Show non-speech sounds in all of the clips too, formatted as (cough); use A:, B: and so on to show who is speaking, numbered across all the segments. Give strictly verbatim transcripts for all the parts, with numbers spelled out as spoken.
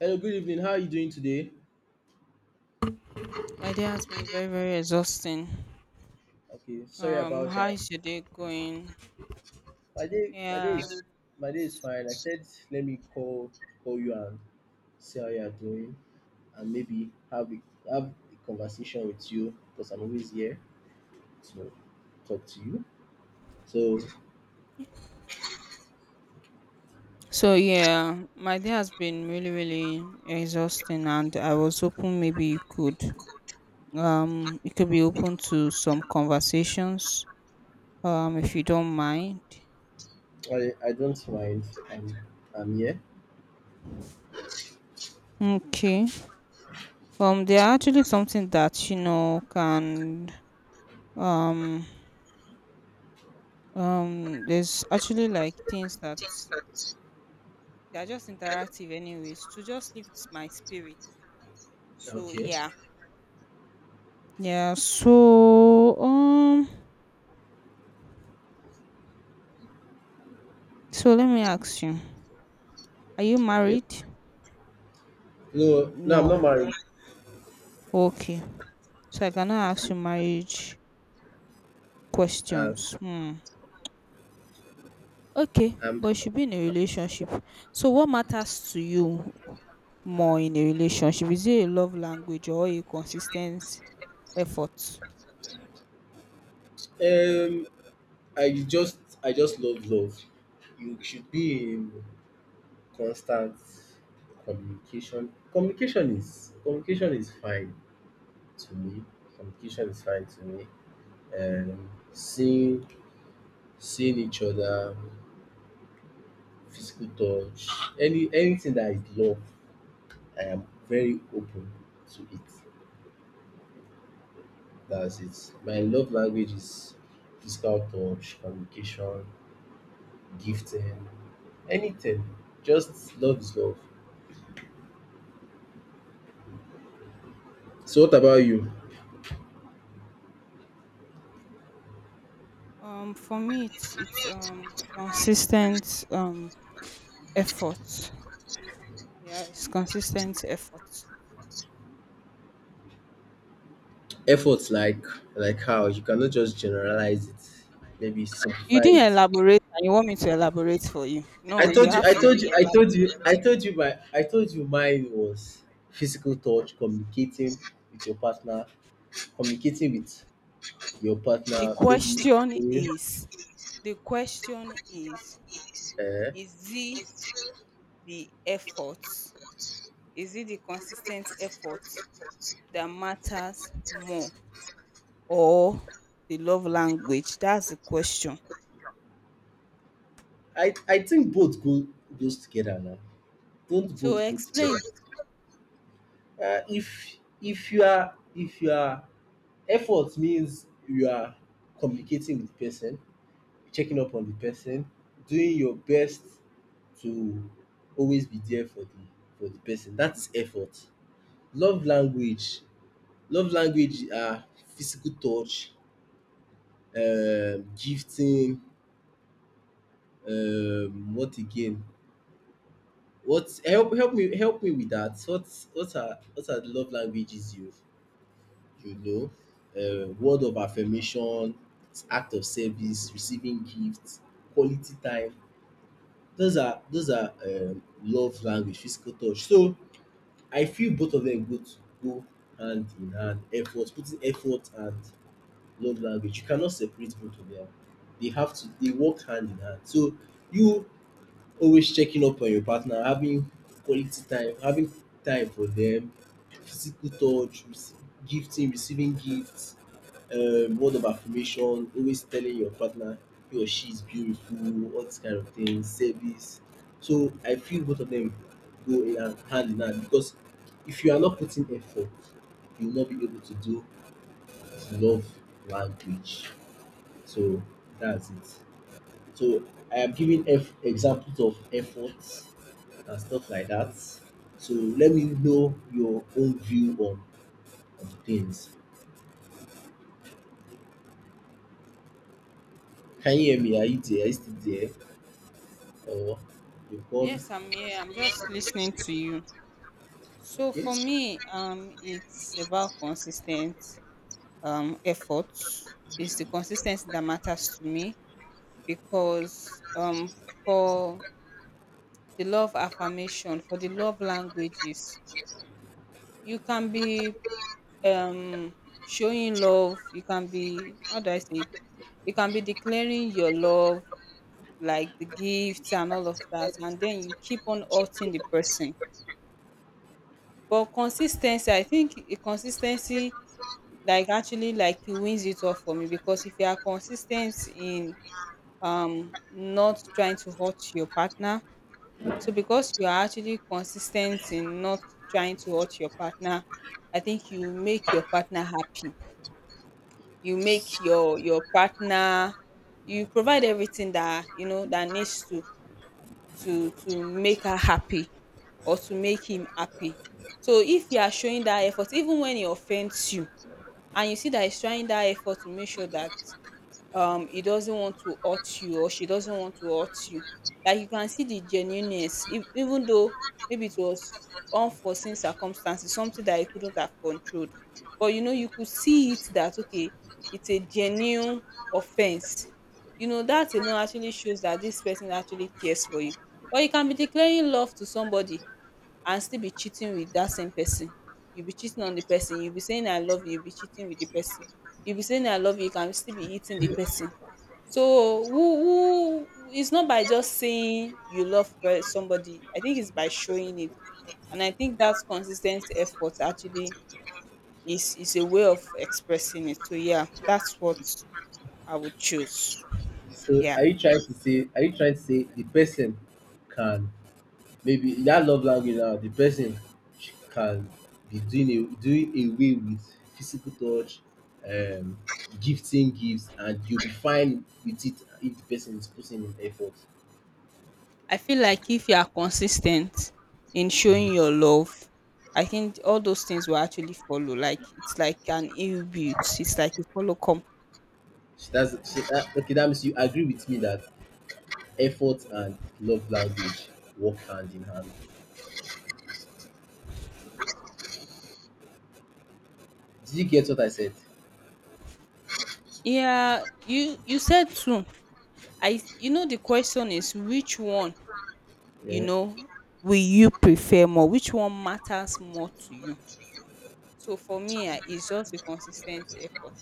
A: Hello, good evening. How are you doing today?
B: My day has been very, very exhausting.
A: Okay, sorry
B: Um,
A: about
B: how
A: that.
B: is your day going?
A: My day, my day
B: Yeah.
A: is, my day is fine. I said let me call call you and see how you are doing, and maybe have a, have a conversation with you because I'm always here to talk to you. So
B: So yeah, my day has been really, really exhausting, and I was hoping maybe you could, um, you could be open to some conversations, um, if you don't mind.
A: I I don't mind. I'm I'm here.
B: Okay. Um, there are actually something that you know can, um, um, there's actually like things that they are just interactive, anyways, to just lift my spirit. So
A: Okay,
B: yeah. Yeah, so um so let me ask you. Are you
A: okay.
B: married?
A: No, no, I'm
B: No.
A: not married.
B: Okay. So I cannot ask you marriage
A: Uh,
B: questions. Hmm. Okay,
A: i
B: but you should be in a relationship. So what matters to you more in a relationship? Is it a love language or a consistent effort?
A: um I just I just love love. You should be in constant communication communication is communication is fine to me communication is fine to me, um seeing seeing each other, physical touch, any anything that is love. I am very open to it. That's it. My love language is physical touch, communication, gifting, anything. Just love is love. So what about you?
B: Um for me it's it's um consistent um effort. Yeah, it's consistent effort.
A: Efforts like like how you cannot just generalize it, maybe
B: You
A: simplify
B: didn't
A: it.
B: elaborate and you want me to elaborate for you.
A: I
B: No, you
A: told you
B: have
A: I
B: to
A: told you I told
B: elaborate.
A: you I told you my I told you mine was physical touch, communicating with your partner, communicating with your
B: The
A: partner maybe.
B: question is, the question is,
A: eh, eh.
B: is it the effort? Is it the consistent effort that matters more, or the love language? That's the question.
A: i i think both go goes together. Now don't
B: So
A: both go together?
B: explain.
A: Uh, if if you are if you are, effort means you are communicating with the person, checking up on the person, doing your best to always be there for the for the person. That is effort. Love language, love language are physical touch, um, gifting, um, what again? What help help me help me with that. What what are what are the love languages you you know? Uh, word of affirmation, act of service, receiving gifts, quality time. Those are those are um love language, physical touch. So I feel both of them go to go hand in hand. Effort, putting effort and love language. You cannot separate both of them. They have to they work hand in hand. So you, always checking up on your partner, having quality time, having time for them, physical touch, rece- gifting, receiving gifts, um, word of affirmation, always telling your partner he or she is beautiful, all this kind of things, service. So I feel both of them go in hand hand in hand, because if you are not putting effort you will not be able to do love language. So that's it. So I am giving eff- examples of efforts and stuff like that. So let me know your own view on, on things. Can you hear me? Are you there? Are you still there? Or you've gone?
B: Yes, I'm here. I'm just listening to you. So
A: Okay.
B: for me, um, it's about consistent um effort. It's the consistency that matters to me, because um for the love affirmation, for the love languages, you can be um showing love. You can be, how do I say it, you can be declaring your love, like the gifts and all of that, and then you keep on hurting the person. But consistency, I think a consistency like actually like it wins it all for me, because if you are consistent in um not trying to hurt your partner. So because you are actually consistent in not trying to hurt your partner, I think you make your partner happy. You make your your partner, you provide everything that you know that needs to to to make her happy or to make him happy. So if you are showing that effort, even when he offends you, and you see that he's trying that effort to make sure that um he doesn't want to hurt you or she doesn't want to hurt you, like you can see the genuineness. If even though maybe it was unforeseen circumstances, something that you couldn't have controlled, but you know you could see it that okay, it's a genuine offense, you know, that alone actually shows that this person actually cares for you. But you can be declaring love to somebody and still be cheating with that same person. You be cheating on the person, you be saying I love you, you be cheating with the person, you be saying I love you, you can still be hitting the person. So who who it's not by just saying you love per- somebody. I think it's by showing it, and I think that consistent effort actually is is a way of expressing it. So yeah, that's what I would choose.
A: So
B: Yeah,
A: are you trying to say? Are you trying to say the person can? Maybe that love language now, the person sh- can be doing a, doing away with physical touch, um, gifting gifts, and you'll be fine with it if the person is putting in effort.
B: I feel like if you are consistent in showing
A: Mm.
B: your love, I think all those things will actually follow. Like it's like an inbuilt. It's like a follow come.
A: So that's so that, okay. That means you agree with me that effort and love language work hand in hand. Did you get what I said?
B: Yeah, you you said too. I, you know, the question is which one, you
A: Yeah.
B: know, will you prefer more, which one matters more to you. So for me, ah, it's just the consistent effort,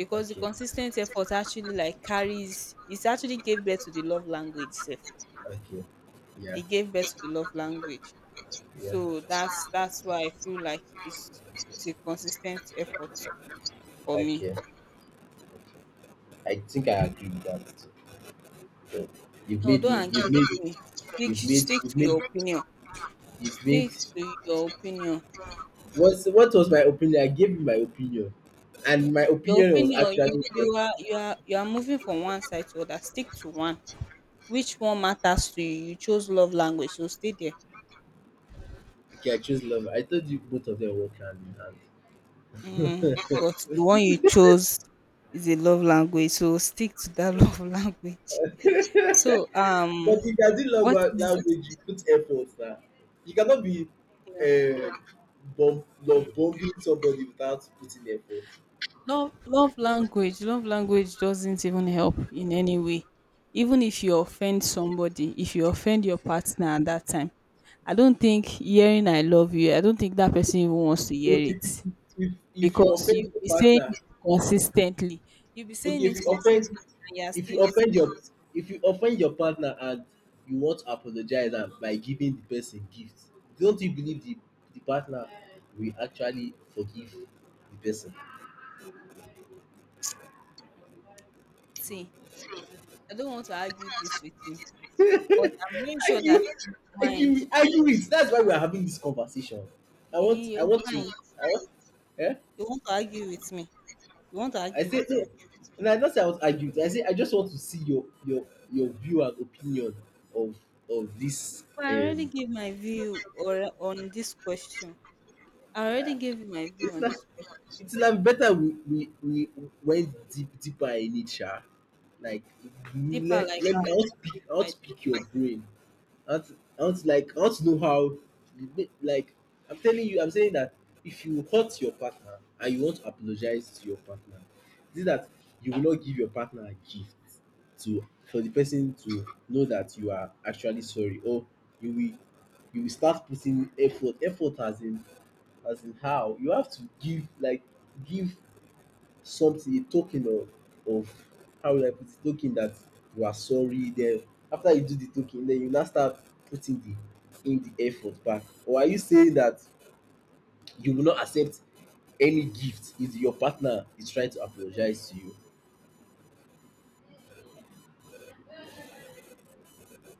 B: because the
A: Okay.
B: consistent effort actually like carries it, actually gave birth to the love language sef.
A: Okay. Yeah.
B: It gave birth to the love language,
A: Yeah.
B: so that's that's why I feel like it's it's a consistent effort for me.
A: Okay. I think I agree with that. So you've
B: No,
A: made
B: don't
A: me you've
B: agree with
A: made
B: me. stick
A: you've made
B: stick to
A: you've made
B: your opinion.
A: you've made,
B: Stick to your opinion.
A: what's what was my opinion? I gave you my opinion. And my
B: Your
A: opinion was
B: opinion, you
A: actually
B: you
A: correct.
B: are you are you are moving from one side to other. Stick to one. Which one matters to you? You chose love language, so stay there.
A: Okay, I chose love. I thought you both of them work hand in hand.
B: Mm, but the one you chose is a love language, so stick to that (laughs) love language. So
A: (laughs)
B: um,
A: But you can do love
B: what
A: lan
B: is,
A: language, you put effort na. You cannot be
B: you know,
A: um bomb love bombing somebody without putting effort.
B: love love language love language doesn't even help in any way. Even if you offend somebody, if you offend your partner at that time, I don't think hearing I love you, I don't think that person even wants to
A: So
B: hear
A: if you,
B: it.
A: if if you
B: Because
A: offend
B: you'll
A: your
B: be saying
A: partner,
B: it consistently. You'll be
A: okay,
B: saying
A: if
B: it
A: you offend
B: consistently and you're
A: if you
B: still also,
A: offend your if you offend your partner and you want to apologize am by giving the person gift, don't you believe the the partner will actually forgive the person?
B: see, I don't want to argue this with you, but I'm very sure
A: Argue,
B: that in your mind,
A: argue, argue it. That's why we are having this conversation. I
B: in
A: want, I
B: your
A: want to,
B: mind,
A: I want, yeah.
B: you want to argue with me. You want to
A: I
B: argue
A: say,
B: with me.
A: no, and I not say I was arguing. I say I just want to see your your your view and opinion of of this.
B: But I already
A: Um,
B: gave my view or on this question. I
A: I,
B: already gave you my view
A: it's
B: on
A: like
B: this question.
A: it's like better we we, we went deep deeper in it, sha. Like,
B: Deeper
A: let
B: like
A: let
B: that.
A: me out
B: What do you
A: pick
B: mean by
A: out pick your brain. Out out like out know how, like I'm telling you, I'm saying that if you hurt your partner and you want to apologize to your partner, see that you will not give your partner a gift to, for the person to know that you are actually sorry. Or you will you will start putting effort. Effort as in, as in how? You have to give, like, give something, a token of of, how will I put it, token that you are sorry. Then after you do the token, then you now start putting the in the effort back. Or are you saying that you will not accept any gift if your partner is trying to apologize to you?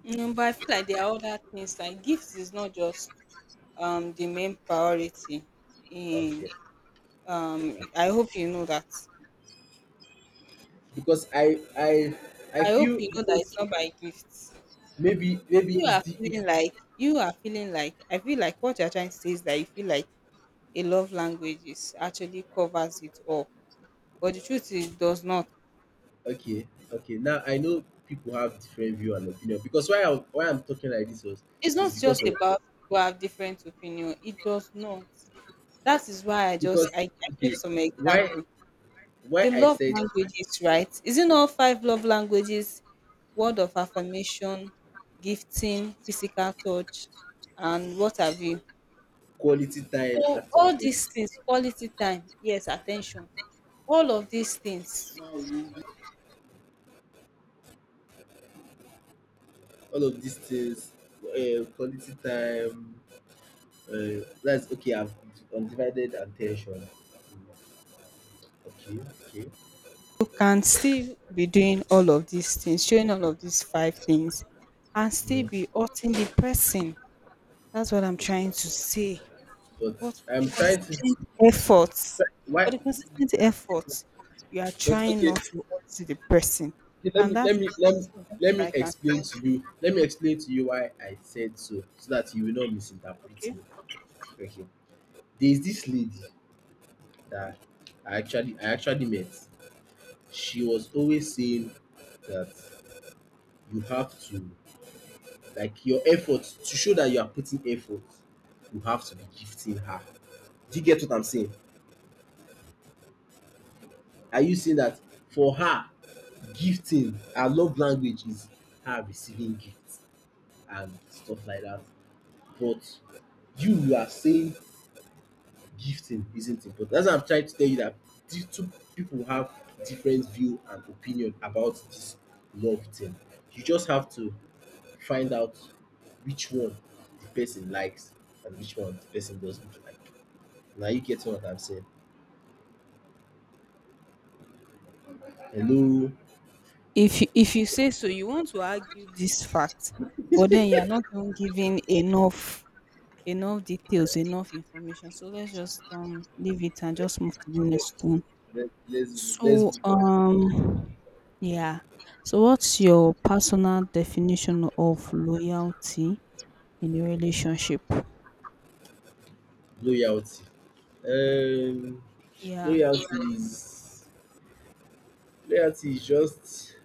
B: deep? Mm, but I feel like there are other things, like gifts is not just um the main priority in
A: Okay,
B: um I hope you know that.
A: because i i i
B: I hope
A: feel
B: you know that it's
A: because,
B: not by gifts.
A: maybe maybe
B: You
A: it's
B: are
A: the it's
B: feeling like, you are feeling like, I feel like what you're trying to say is that you feel like a love language is actually covers it all, but the truth is it does not.
A: Okay, okay. Now I know people have different view and opinion, because why I, why I'm talking like this was,
B: It's not
A: is because
B: just
A: of
B: about people have different opinion, it does not. That is why i just
A: because
B: i, I gave
A: okay,
B: some
A: why
B: example.
A: why
B: The
A: I
B: love
A: said,
B: languages, right? Isn't all five love languages word of affirmation, gifting, physical touch, and what have you?
A: quality time,
B: So
A: acts of
B: all these
A: service,
B: things, quality time, yes, attention, all of these things.
A: all of these things, uh, quality time. Uh, that's okay, I've undivided attention. Mm, okay, okay,
B: You can still be doing all of these things, showing all of these five things, and still
A: mm,
B: be hurting the person. That's what I'm
A: okay,
B: trying to say.
A: but
B: But for the
A: I'm trying to,
B: consistent efforts, for
A: why?
B: the consistent efforts, you are
A: But
B: trying
A: okay,
B: not to hurt the person.
A: okay, let
B: And
A: me
B: that's
A: let me let me
B: that's
A: let me
B: like an
A: explain to you. Let me explain to you why I said so, so that you will not misinterpret
B: okay.
A: me. Okay, there is this lady that I actually I actually met. She was always saying that you have to, like, your effort to show that you are putting effort. You have to be gifting her. Do you get what I'm saying? Are you saying that for her, gifting, her love language is her receiving gifts and stuff like that? But you you are saying gifting isn't important. That's why I'm trying to tell you that these two people have different view and opinion about this love thing. You just have to find out which one the person likes and which one the person doesn't like. Now you get what I'm saying. Hello.
B: If you, if you say so, you want to argue this fact, but then you're not even giving enough enough details, enough information. So let's just um leave it and just move to the next one.
A: Let, let's
B: So
A: let's move on.
B: um yeah. So what's your personal definition of loyalty in a relationship?
A: Loyalty. Um,
B: Yeah.
A: loyalty is loyalty is just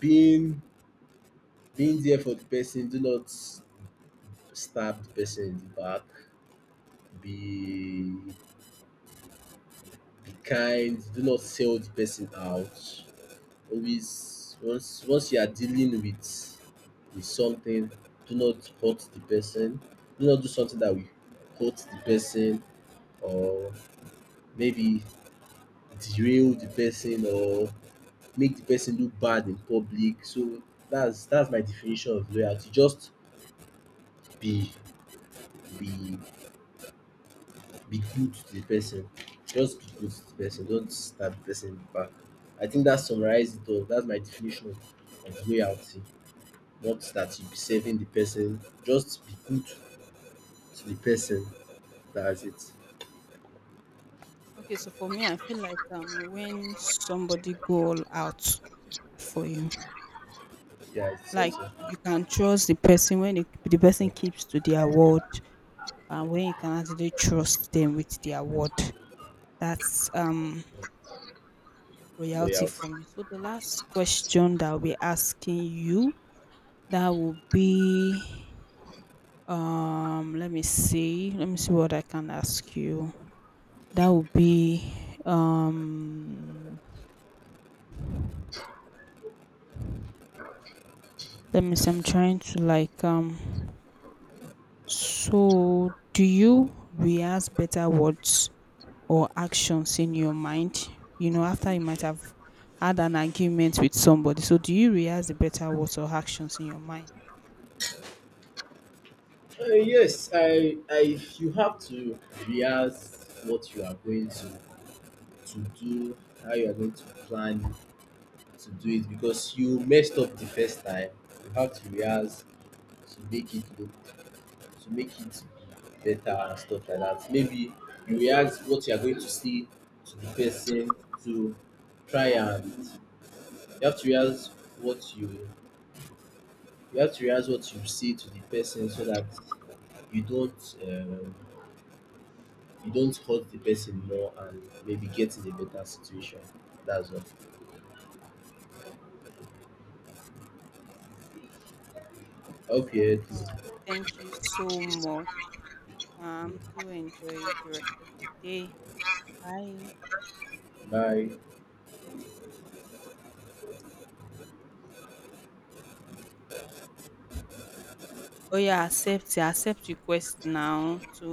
A: being. Being there for the person, do not stab the person in the back. Be be kind. Do not sell the person out. Always, once once you are dealing with with something, do not hurt the person. Do not do something that will hurt the person, or maybe derail the person, or make the person look bad in public. So that's that's my definition of loyalty. Just be be be good to the person. Just be good to the person. Don't stab the person in the back. I think that summarizes it all. That's my definition of, of loyalty. Not that you be saving the person. Just be good to the person. That's it.
B: Okay, so for me, I feel like um when somebody go all out for you,
A: Yeah, it's
B: like
A: also
B: you can trust the person when it, the person keeps to their word, and when you can actually trust them with their word, that's um royalty
A: loyalty.
B: for me. So the last question that I'll be asking you that will be um let me see let me see what I can ask you. That will be um Let me I'm trying to like um so do you rehearse better words or actions in your mind? You know, after you might have had an argument with somebody. So do you rehearse the better words or actions in your mind?
A: Uh, yes, I, I. You have to rehearse what you are going to to do, how you are going to plan to do it, because you messed up the first time. You have to rehearse to make it look, to make it better and stuff like that. Maybe you react what you are going to see to the person to try. And you have to realize what you you have to realize what you see to the person so that you don't um, you don't hurt the person more and maybe get in a better situation. That's all. I hope you heard
B: All right.
A: this.
B: Thank you so much. Um
A: Mm.
B: do enjoy the rest of the day. Bye.
A: Bye.
B: Oh yeah, accept accept request now to